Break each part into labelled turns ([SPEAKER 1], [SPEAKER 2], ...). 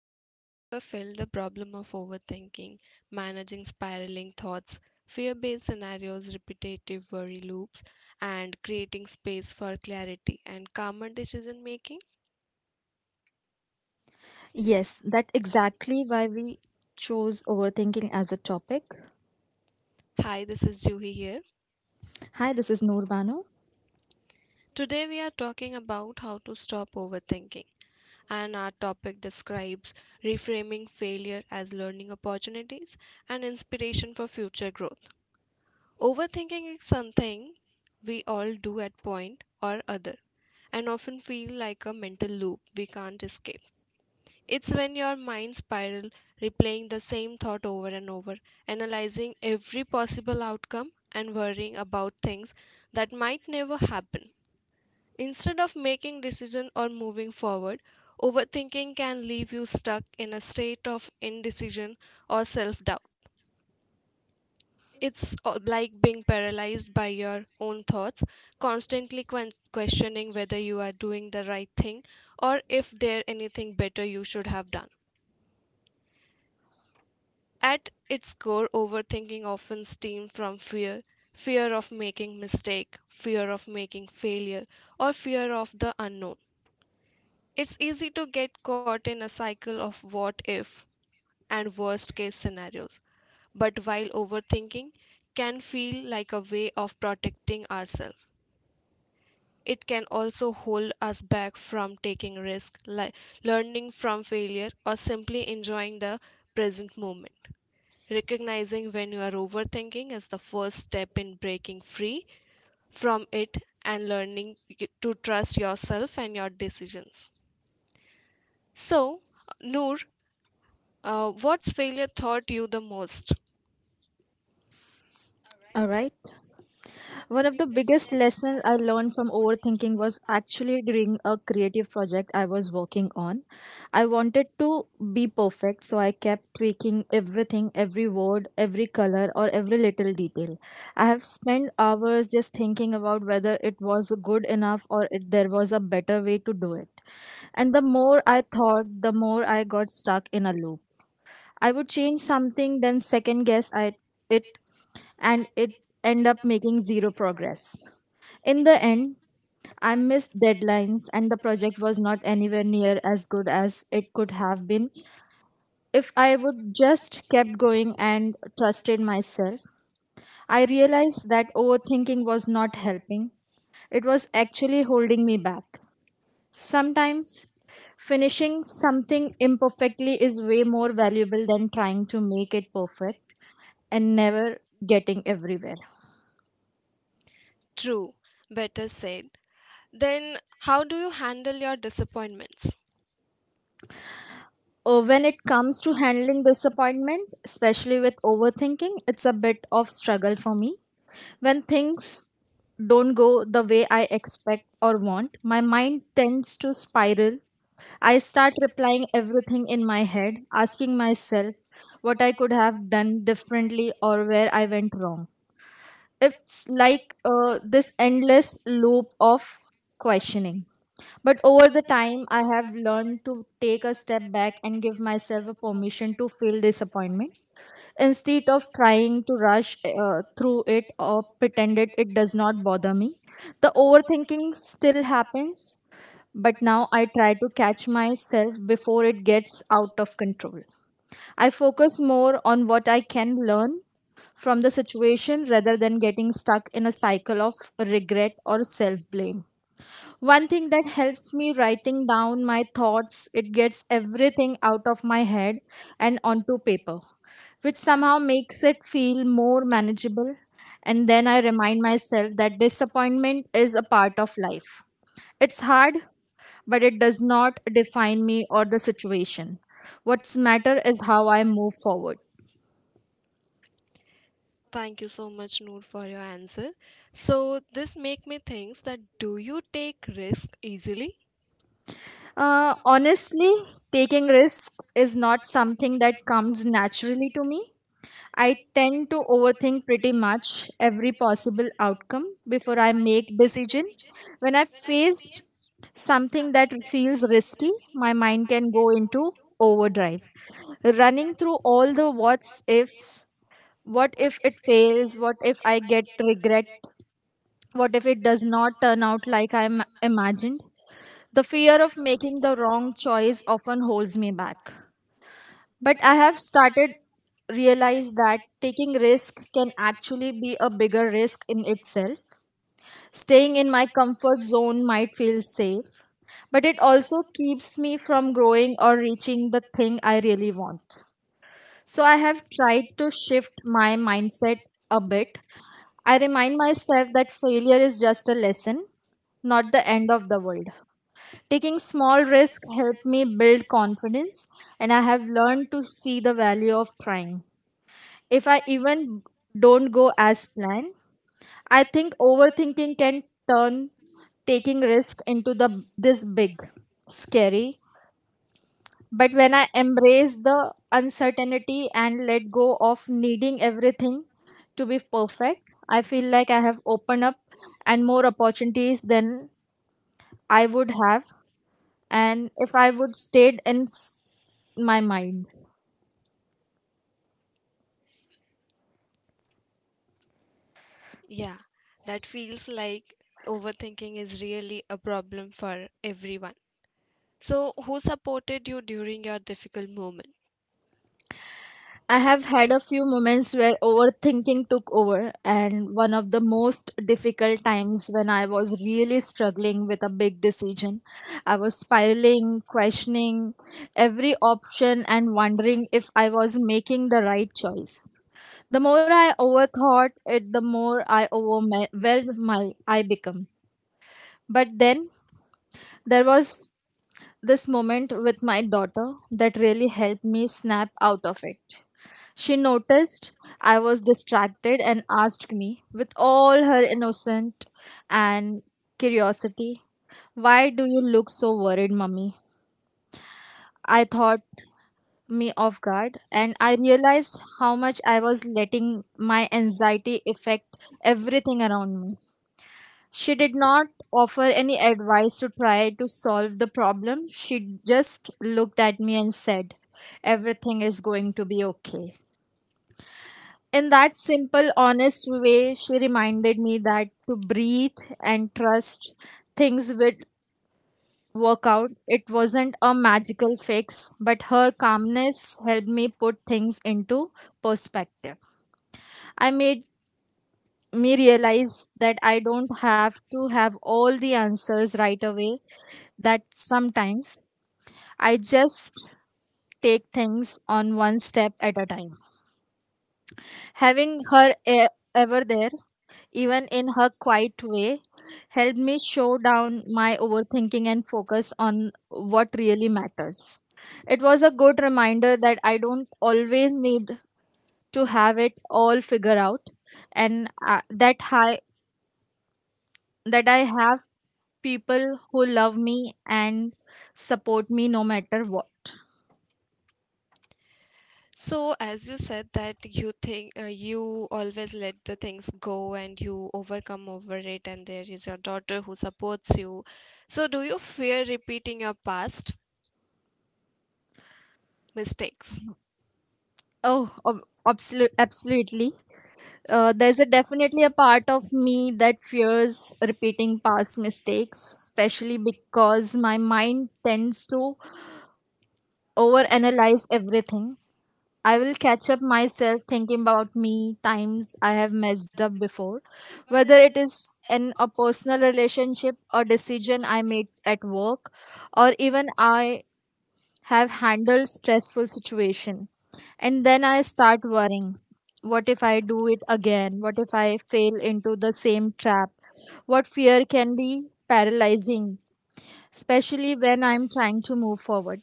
[SPEAKER 1] have you ever felt the problem of overthinking, managing spiraling thoughts, fear based scenarios, repetitive worry loops, and creating space for clarity and calmer decision making?
[SPEAKER 2] Yes, that exactly why we chose overthinking as a topic.
[SPEAKER 1] Hi, this is Juhi here.
[SPEAKER 2] Hi, this is Noor Banu.
[SPEAKER 1] Today we are talking about how to stop overthinking, and our topic describes reframing failure as learning opportunities and inspiration for future growth. Overthinking is something we all do at point or other and often feel like a mental loop we can't escape. It's when your mind spiral replaying the same thought over and over, analyzing every possible outcome and worrying about things that might never happen. Instead of making decision or moving forward, overthinking can leave you stuck in a state of indecision or self-doubt. It's like being paralyzed by your own thoughts, constantly questioning whether you are doing the right thing or if there anything better you should have done. At its core, overthinking often stems from fear, fear of making mistake, fear of making failure, or fear of the unknown. It's easy to get caught in a cycle of what if and worst case scenarios. But while overthinking can feel like a way of protecting ourselves, it can also hold us back from taking risks, like learning from failure, or simply enjoying the present moment. Recognizing when you are overthinking is the first step in breaking free from it and learning to trust yourself and your decisions. So, Noor, what's failure taught you the most?
[SPEAKER 2] All right. One of the biggest lessons I learned from overthinking was actually during a creative project I was working on. I wanted to be perfect, so I kept tweaking everything, every word, every color, or every little detail. I have spent hours just thinking about whether it was good enough or if there was a better way to do it. And the more I thought, the more I got stuck in a loop. I would change something, then second guess I, it and it end up making zero progress. In the end, I missed deadlines and the project was not anywhere near as good as it could have been if I would just kept going and trusted myself. I realized that overthinking was not helping. It was actually holding me back. Sometimes finishing something imperfectly is way more valuable than trying to make it perfect and never getting everywhere.
[SPEAKER 1] True, better said. Then, how do you handle your disappointments?
[SPEAKER 2] When it comes to handling disappointment, especially with overthinking, it's a bit of struggle for me. When things don't go the way I expect or want, my mind tends to spiral. I start replying everything in my head, asking myself what I could have done differently or where I went wrong. It's like this endless loop of questioning. But over the time, I have learned to take a step back and give myself a permission to feel disappointment instead of trying to rush through it or pretend it does not bother me. The overthinking still happens, but now I try to catch myself before it gets out of control. I focus more on what I can learn from the situation rather than getting stuck in a cycle of regret or self blame. One thing that helps me writing down my thoughts, it gets everything out of my head and onto paper, which somehow makes it feel more manageable. And then I remind myself that disappointment is a part of life. It's hard, but it does not define me or the situation. What's matter is how I move forward.
[SPEAKER 1] Thank you so much, Noor, for your answer. So this make me think that do you take risk easily?
[SPEAKER 2] Honestly, taking risk is not something that comes naturally to me. I tend to overthink pretty much every possible outcome before I make decision. When I face something that feels risky, my mind can go into overdrive, running through all the what's ifs. What if it fails? What if I get regret? What if it does not turn out like I imagined? The fear of making the wrong choice often holds me back. But I have started realize that taking risk can actually be a bigger risk in itself. Staying in my comfort zone might feel safe, but it also keeps me from growing or reaching the thing I really want. So I have tried to shift my mindset a bit. I remind myself that failure is just a lesson, not the end of the world. Taking small risks helped me build confidence, and I have learned to see the value of trying. If I even don't go as planned, I think overthinking can turn taking risk into the this big scary. But when I embrace the uncertainty and let go of needing everything to be perfect, I feel like I have opened up and more opportunities than I would have and if I would stayed in my mind.
[SPEAKER 1] Yeah, that feels like overthinking is really a problem for everyone. So who supported you during your difficult moment?
[SPEAKER 2] I have had a few moments where overthinking took over, and one of the most difficult times when I was really struggling with a big decision. I was spiraling, questioning every option, and wondering if I was making the right choice. The more I overthought it, the more I overwhelmed my I become. But then there was this moment with my daughter that really helped me snap out of it. She noticed I was distracted and asked me, with all her innocent and curiosity, "Why do you look so worried, mummy?" I thought me off guard and I realized how much I was letting my anxiety affect everything around me. She did not offer any advice to try to solve the problem. She just looked at me and said, "Everything is going to be okay." In that simple, honest way, she reminded me that to breathe and trust things would work out. It wasn't a magical fix, but her calmness helped me put things into perspective. I made me realize that I don't have to have all the answers right away, that sometimes I just take things on one step at a time. Having her ever there even in her quiet way, helped me show down my overthinking and focus on what really matters. It was a good reminder that I don't always need to have it all figured out, and that I have people who love me and support me no matter what.
[SPEAKER 1] So as you said that you think you always let the things go and you overcome over it, and there is your daughter who supports you. So do you fear repeating your past mistakes?
[SPEAKER 2] Absolutely. There's a definitely a part of me that fears repeating past mistakes, especially because my mind tends to overanalyze everything. I will catch up myself thinking about me times I have messed up before, whether it is in a personal relationship, a decision I made at work, or even I have handled stressful situation. And then I start worrying, what if I do it again? What if I fail into the same trap? What fear can be paralyzing, especially when I'm trying to move forward.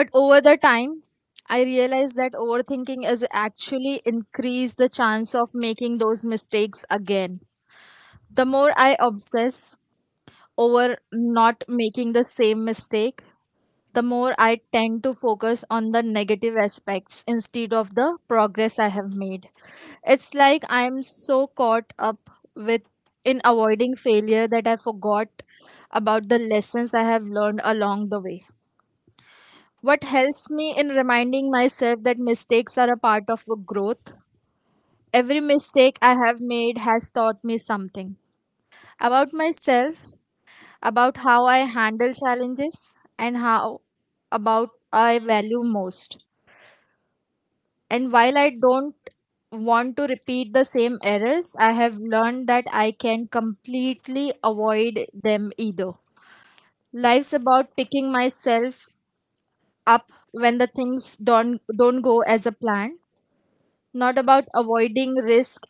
[SPEAKER 2] But over the time I realize that overthinking is actually increase the chance of making those mistakes again. The more I obsess over not making the same mistake, the more I tend to focus on the negative aspects instead of the progress I have made. It's like I'm so caught up with in avoiding failure that I forgot about the lessons I have learned along the way. What helps me in reminding myself that mistakes are a part of growth? Every mistake I have made has taught me something about myself, about how I handle challenges, and how about I value most. And while I don't want to repeat the same errors, I have learned that I can completely avoid them either. Life's about picking myself up when the things don't go as a plan, not about avoiding risk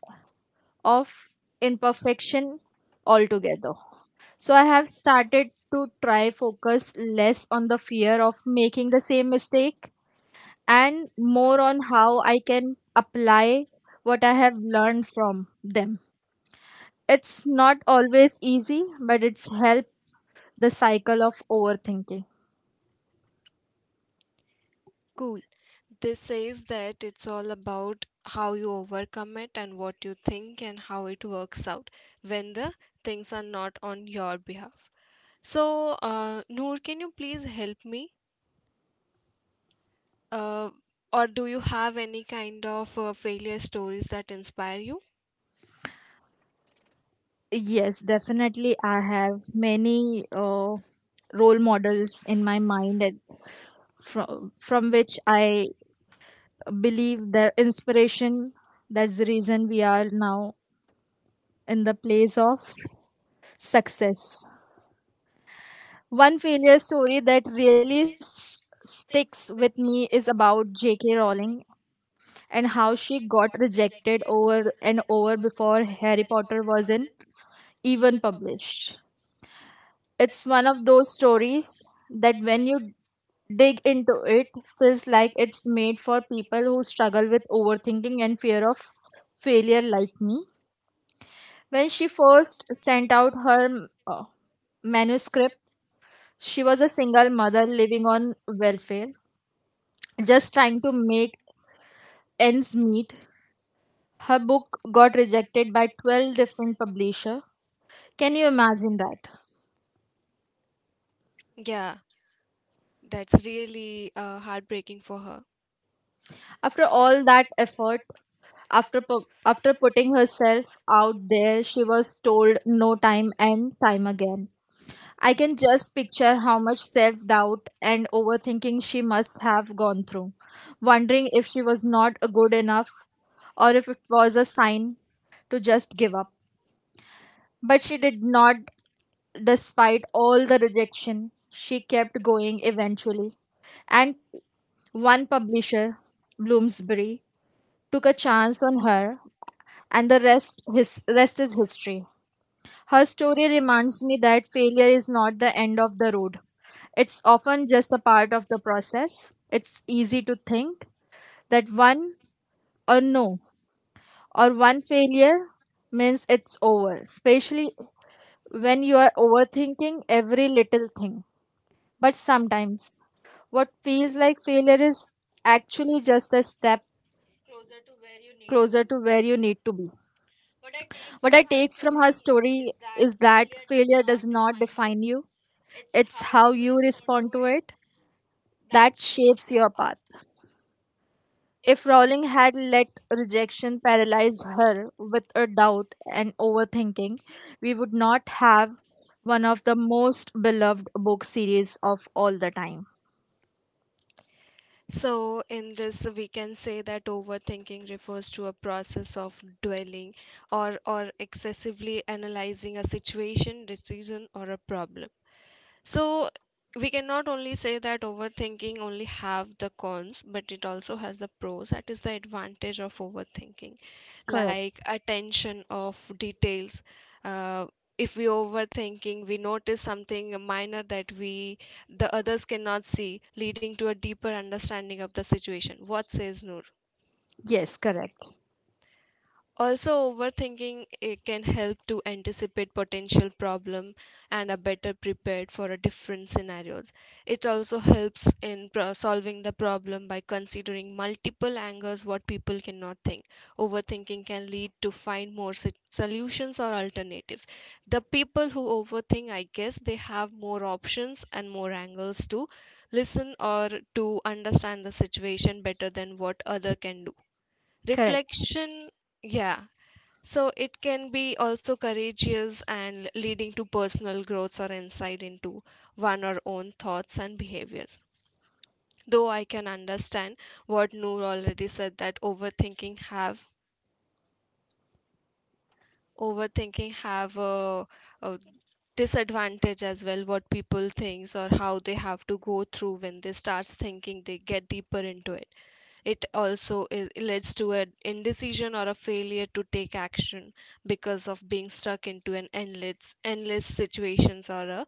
[SPEAKER 2] of imperfection altogether. So I have started to try focus less on the fear of making the same mistake and more on how I can apply what I have learned from them. It's not always easy, but it's helped the cycle of overthinking.
[SPEAKER 1] Cool. This says that it's all about how you overcome it and what you think and how it works out when the things are not on your behalf. So, Noor, can you please help me? Uh, or do you have any kind of failure stories that inspire you?
[SPEAKER 2] Yes, definitely. I have many role models in my mind that from which I believe their inspiration. That's the reason we are now in the place of success. One failure story that really sticks with me is about J.K. Rowling and how she got rejected over and over before Harry Potter wasn't even published. It's one of those stories that when you dig into it feels like it's made for people who struggle with overthinking and fear of failure like me. When she first sent out her manuscript, she was a single mother living on welfare just trying to make ends meet. Her book got rejected by 12 different publishers. Can you imagine that?
[SPEAKER 1] Yeah, that's really heartbreaking for her.
[SPEAKER 2] After all that effort, after putting herself out there, she was told no time and time again. I can just picture how much self-doubt and overthinking she must have gone through, wondering if she was not good enough or if it was a sign to just give up. But she did not. Despite all the rejection, she kept going eventually. And one publisher, Bloomsbury, took a chance on her, and the rest is history. Her story reminds me that failure is not the end of the road. It's often just a part of the process. It's easy to think that one or no or one failure means it's over, especially when you are overthinking every little thing. But sometimes, what feels like failure is actually just a step closer to where you need to be. What I take from her story is that failure does not define you, it's how you respond to it that shapes your path. If Rowling had let rejection paralyze her with a doubt and overthinking, we would not have one of the most beloved book series of all the time.
[SPEAKER 1] So, in this, we can say that overthinking refers to a process of dwelling or excessively analyzing a situation, decision, or a problem. So we cannot only say that overthinking only have the cons, but it also has the pros. That is the advantage of overthinking,
[SPEAKER 2] Correct.
[SPEAKER 1] like attention of details. Uh, if we overthinking, we notice something minor that we the others cannot see, leading to a deeper understanding of the situation. What says Noor?
[SPEAKER 2] Yes, correct.
[SPEAKER 1] Also, overthinking it can help to anticipate potential problem and are better prepared for a different scenarios. It also helps in solving the problem by considering multiple angles what people cannot think. Overthinking can lead to find more solutions or alternatives. The people who overthink, I guess, they have more options and more angles to listen or to understand the situation better than what other can do.
[SPEAKER 2] Correct.
[SPEAKER 1] Reflection, yeah, so it can be also courageous and leading to personal growth or insight into one or own thoughts and behaviors. Though I can understand what Noor already said that overthinking have a disadvantage as well, what people thinks or how they have to go through when they starts thinking they get deeper into it. It also is, leads to an indecision or a failure to take action because of being stuck into an endless situations or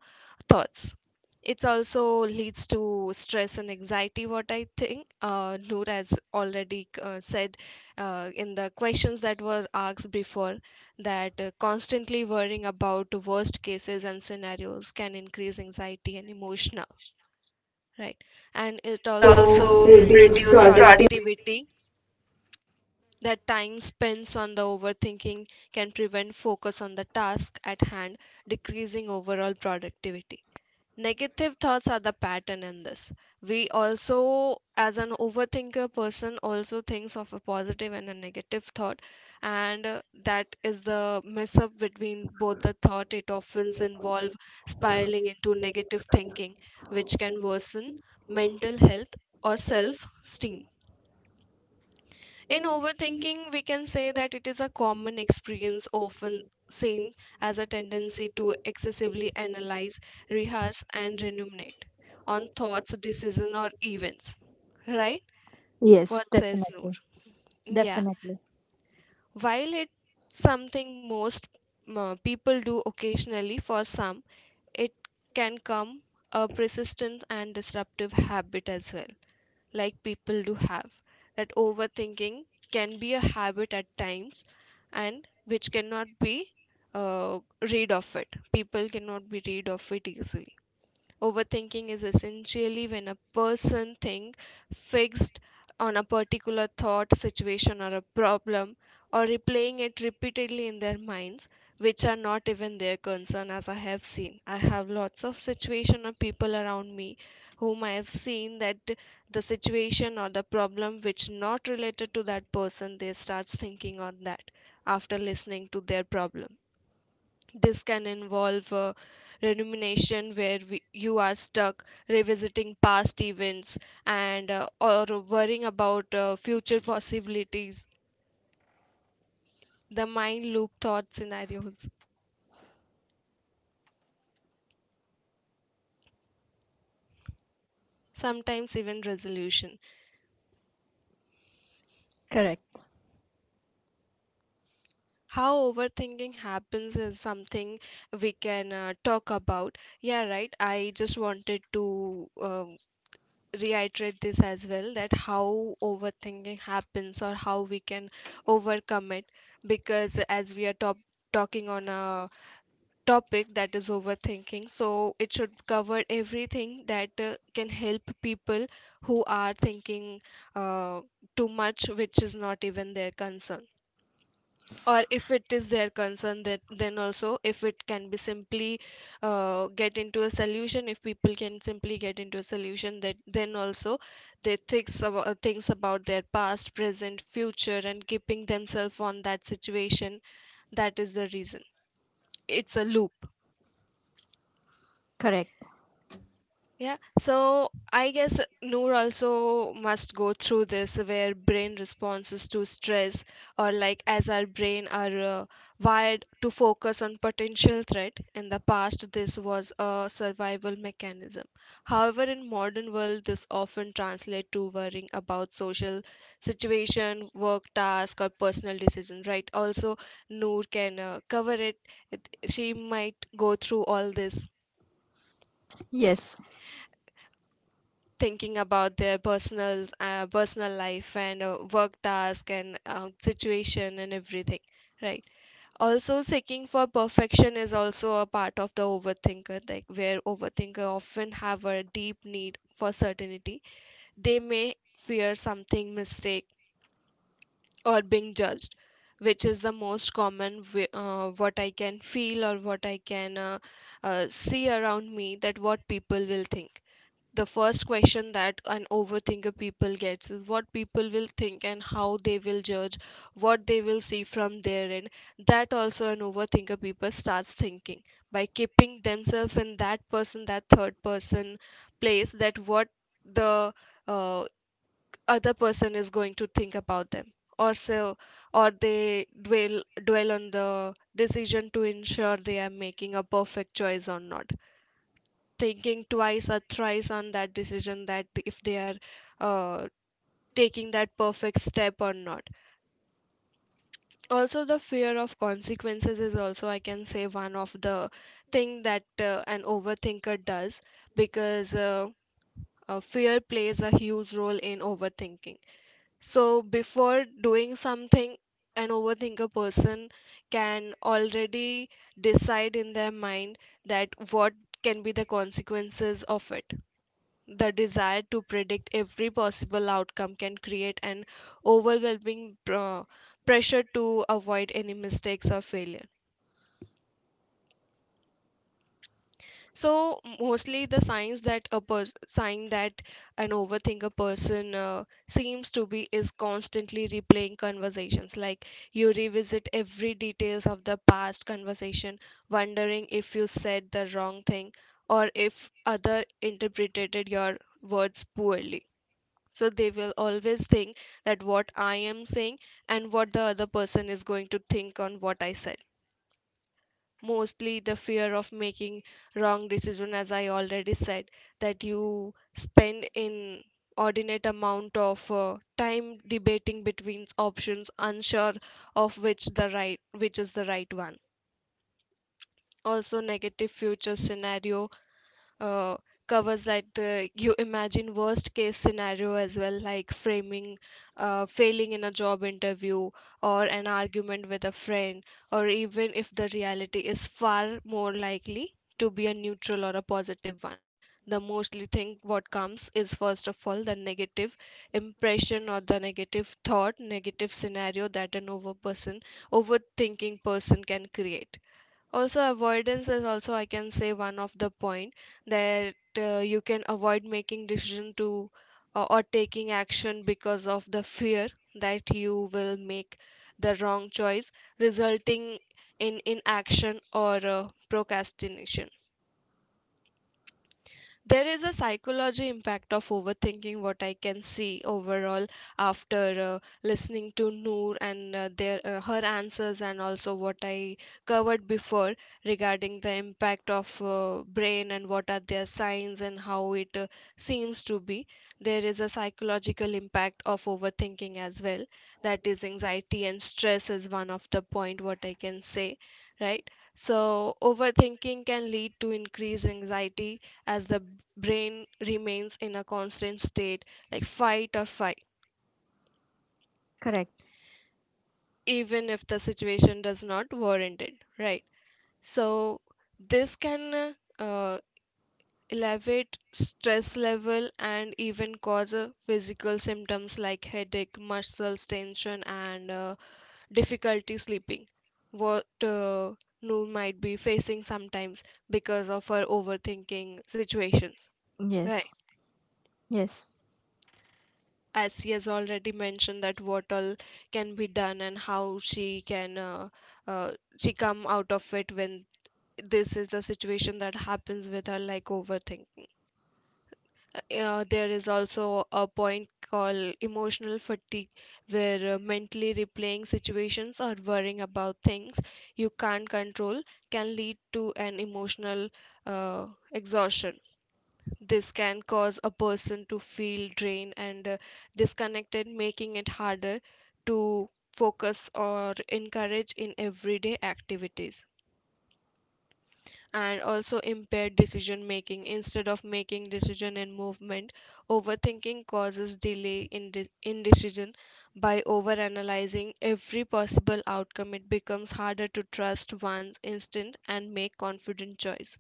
[SPEAKER 1] thoughts. It also leads to stress and anxiety, what I think. Noor has already said in the questions that were asked before that constantly worrying about worst cases and scenarios can increase anxiety and emotional, right? And it also reduce productivity that time spent on the overthinking can prevent focus on the task at hand, decreasing overall productivity. Negative thoughts are the pattern in this. We also, as an overthinker person, also thinks of a positive and a negative thought, and that is the mess up between both the thought. It often involve spiraling into negative thinking, which can worsen mental health or self-esteem. In overthinking, we can say that it is a common experience, often seen as a tendency to excessively analyze, rehearse, and ruminate on thoughts, decisions, or events. Right? Yes. What Yes. says Noor? Yeah. While it's something most people do occasionally, for some, it can come a persistent and disruptive habit as well, like people do have that overthinking can be a habit at times, and which cannot be uh, rid of it, people cannot be rid of it easily. Overthinking is essentially when a person think fixed on a particular thought, situation, or a problem, or replaying it repeatedly in their minds, which are not even their concern, as I have seen. I have lots of situation of people around me whom I have seen that the situation or the problem which not related to that person, they starts thinking on that after listening to their problem. This can involve rumination, where we, you are stuck revisiting past events and or worrying about future possibilities. The mind loop thought scenarios, sometimes even resolution. How overthinking happens is something we can talk about. Yeah, right. I just wanted to reiterate this as well, that how overthinking happens or how we can overcome it, because as we are top talking on a topic that is overthinking, so it should cover everything that can help people who are thinking uh, too much, which is not even their concern, or if it is their concern that then also if it can be simply get into a solution, if people can simply get into a solution that then also they thinks about their past present future and keeping themselves on that situation, that is the reason it's a loop. Yeah, so I guess Noor also must go through this, where brain responses to stress or like as our brain are wired to focus on potential threat. In the past, this was a survival mechanism. However, in modern world, this often translates to worrying about social situation, work task, or personal decision. Right? Also, Noor can cover it. It- She might go through all this thinking about their personal personal life and work task and situation and everything, right. Also, seeking for perfection is also a part of the overthinker, like where overthinker often have a deep need for certainty, they may fear something mistake or being judged, which is the most common what I can feel or what I can see around me, that what people will think. The first question that an overthinker people gets is what people will think and how they will judge, what they will see from their end. That also an overthinker people starts thinking by keeping themselves in that person, that third person place, that what the uh, other person is going to think about them or so. Or they dwell on the decision to ensure they are making a perfect choice or not, thinking twice or thrice on that decision that if they are uh, taking that perfect step or not. Also the fear of consequences is also I can say one of the thing that an overthinker does, because fear plays a huge role in overthinking. So before doing something, an overthinker person can already decide in their mind that what can be the consequences of it. The desire to predict every possible outcome can create an overwhelming pressure to avoid any mistakes or failure. So mostly the signs that a sign that an overthinker person seems to be is constantly replaying conversations. Like you revisit every details of the past conversation, wondering if you said the wrong thing or if other interpreted your words poorly. So they will always think that what I am saying and what the other person is going to think on what I said. Mostly the fear of making wrong decision, as I already said, that you spend in ordinate amount of time debating between options, unsure of which is the right one. Also, negative future scenario uh, covers that you imagine worst case scenario as well, like framing failing in a job interview or an argument with a friend. Or even if the reality is far more likely to be a neutral or a positive one, the mostly thing what comes is first of all the negative impression or the negative thought, negative scenario that an overthinking person can create. Also, avoidance is also, I can say, one of the point, that you can avoid making decision to or taking action because of the fear that you will make the wrong choice, resulting in inaction or procrastination. There is a psychology impact of overthinking, what I can see overall, after listening to Noor and their her answers, and also what I covered before regarding the impact of brain and what are their signs and how it seems to be. There is a psychological impact of overthinking as well, that is anxiety and stress is one of the point, what I can say, right? So overthinking can lead to increased anxiety, as the brain remains in a constant state, like fight or flight, even if the situation does not warrant it, right? So this can elevate stress level and even cause physical symptoms like headache, muscles tension and difficulty sleeping, what Noor might be facing sometimes because of her overthinking situations, right? As she has already mentioned that what all can be done and how she can uh, she come out of it when this is the situation that happens with her, like overthinking. There is also a point called emotional fatigue, where mentally replaying situations or worrying about things you can't control can lead to an emotional uh, exhaustion. This can cause a person to feel drained and disconnected, making it harder to focus or encourage in everyday activities. And also impaired decision making. Instead of making decision and movement, overthinking causes delay in in decision. By overanalyzing every possible outcome, it becomes harder to trust one's instinct and make confident choice.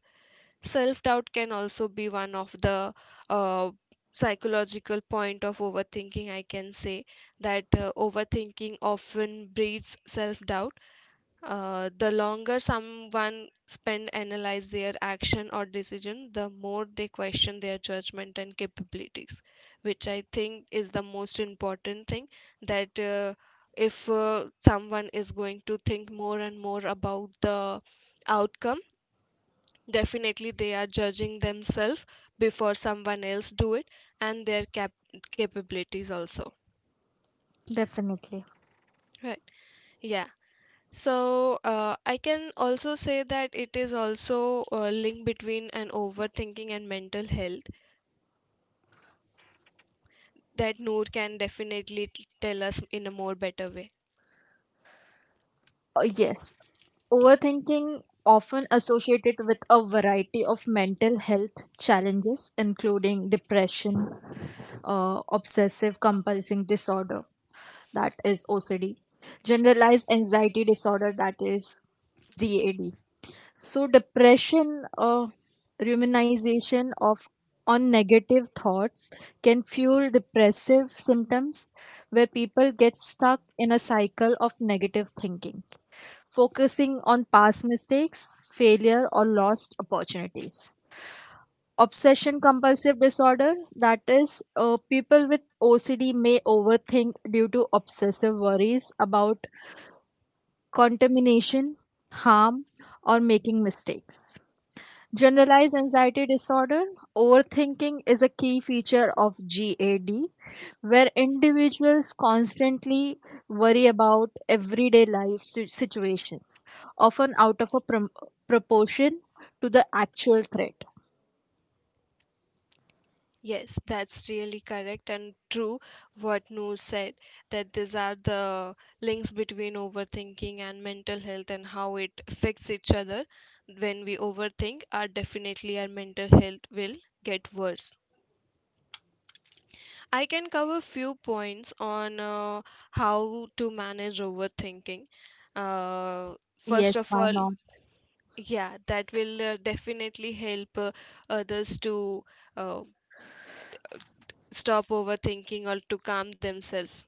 [SPEAKER 1] Self doubt can also be one of the uh, psychological point of overthinking, I can say, that overthinking often breeds self doubt. The longer someone spend analyze their action or decision, the more they question their judgment and capabilities, which I think is the most important thing. That if someone is going to think more and more about the outcome, definitely they are judging themselves before someone else do it, and their capabilities also, right? Yeah. So I can also say that it is also a link between an overthinking and mental health, that Noor can definitely tell us in a more better way. Yes, that's really correct and true what Noor said, that these are the links between overthinking and mental health and how it affects each other. When we overthink, our definitely our mental health will get worse. I can cover few points on how to manage overthinking. First of all, yeah, that will definitely help others to uh, stop overthinking or to calm themselves.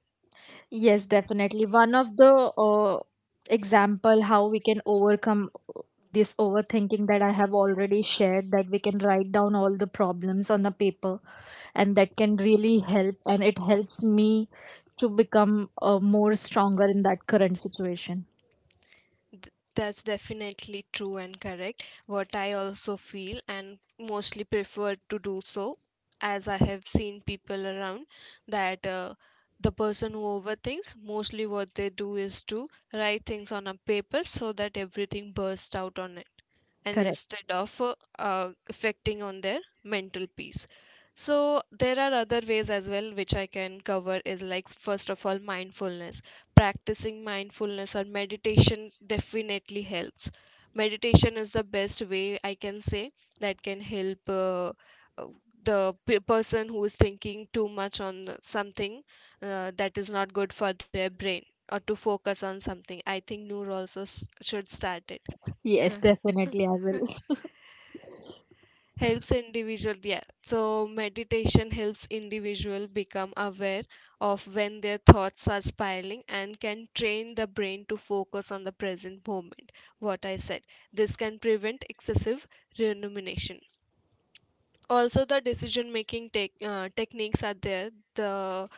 [SPEAKER 1] That's definitely true and correct. What I also feel and mostly prefer to do so, as I have seen people around, that the person who overthinks, mostly what they do is to write things on a paper so that everything bursts out on it, and instead of affecting on their mental peace. So there are other ways as well which I can cover, is like first of all, mindfulness. Practicing mindfulness or meditation definitely helps. Meditation is the best way, I can say, that can help uh, the person who is thinking too much on something, that is not good for their brain, or to focus on something. I think Noor also should start it. Yes, definitely helps individual, yeah. So meditation helps individual become aware of when their thoughts are spiraling and can train the brain to focus on the present moment, what I said. This can prevent excessive rumination. Also, the decision making techniques are there. The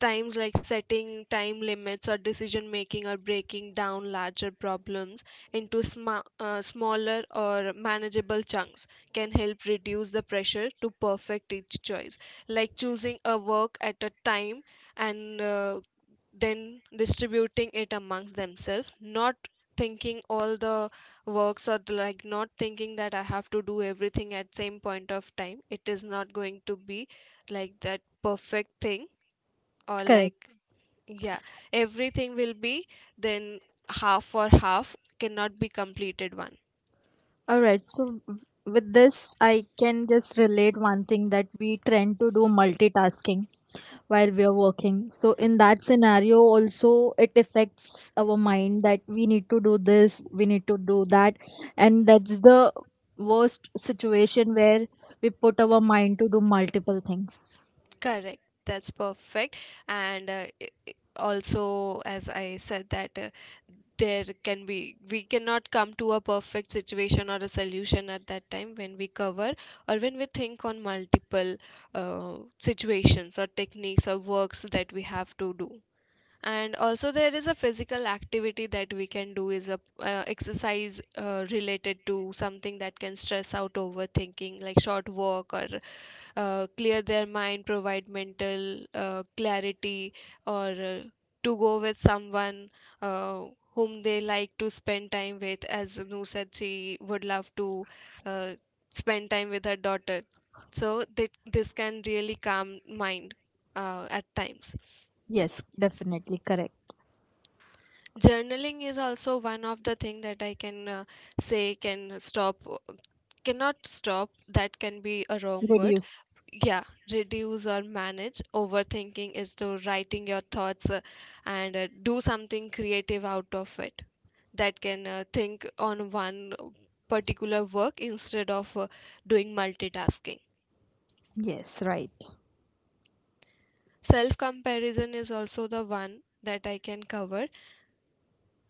[SPEAKER 1] times, like setting time limits or decision making or breaking down larger problems into smaller or manageable chunks, can help reduce the pressure to perfect each choice. Like choosing a work at a time and then distributing it amongst themselves, not thinking all the works, or like not thinking that I have to do everything at same point of time. It is not going to be like that perfect thing, or like, yeah, everything will be then half for half, cannot be completed one. Correct. That's perfect. And also, as I said, that there can be, we cannot come to a perfect situation or a solution at that time when we cover or when we think on multiple situations or techniques or works that we have to do. And also there is a physical activity that we can do, is a exercise related to something that can stress out overthinking, like short walk or clear their mind, provide mental clarity, or to go with someone uh, whom they like to spend time with, as Anu said she would love to uh, spend time with her daughter, so that this can really calm mind at times. Journaling is also one of the thing that I can say can stop, cannot stop, that can be a wrong word, yeah, reduce or manage overthinking, is to writing your thoughts and do something creative out of it, that can think on one particular work instead of doing multitasking. Self comparison is also the one that I can cover.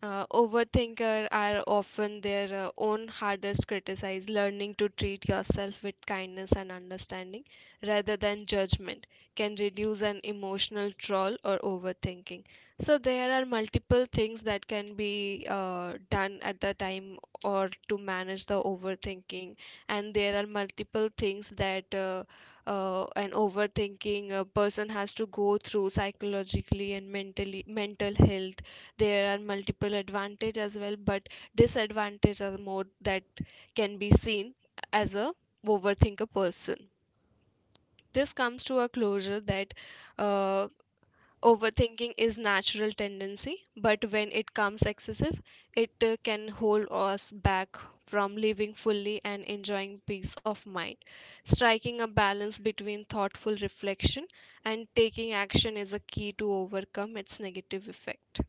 [SPEAKER 1] Overthinker are often their own hardest criticized. Learning to treat yourself with kindness and understanding rather than judgment can reduce an emotional troll or overthinking. So there are multiple things that can be done at the time or to manage the overthinking, and there are multiple things that an overthinking person has to go through psychologically and mentally, mental health. There are multiple advantage as well, but disadvantages are more that can be seen as a overthinker person. This comes to a closure, that uh, overthinking is natural tendency, but when it comes excessive, it can hold us back from living fully and enjoying peace of mind. Striking a balance between thoughtful reflection and taking action is a key to overcome its negative effect.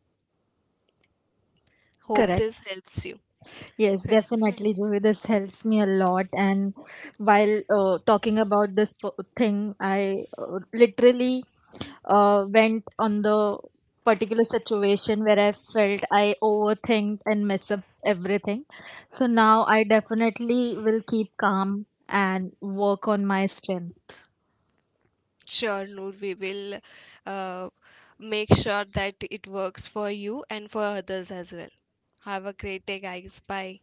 [SPEAKER 1] Hope this helps you. Sure, Noor, we will uh, make sure that it works for you and for others as well. Have a great day, guys. Bye.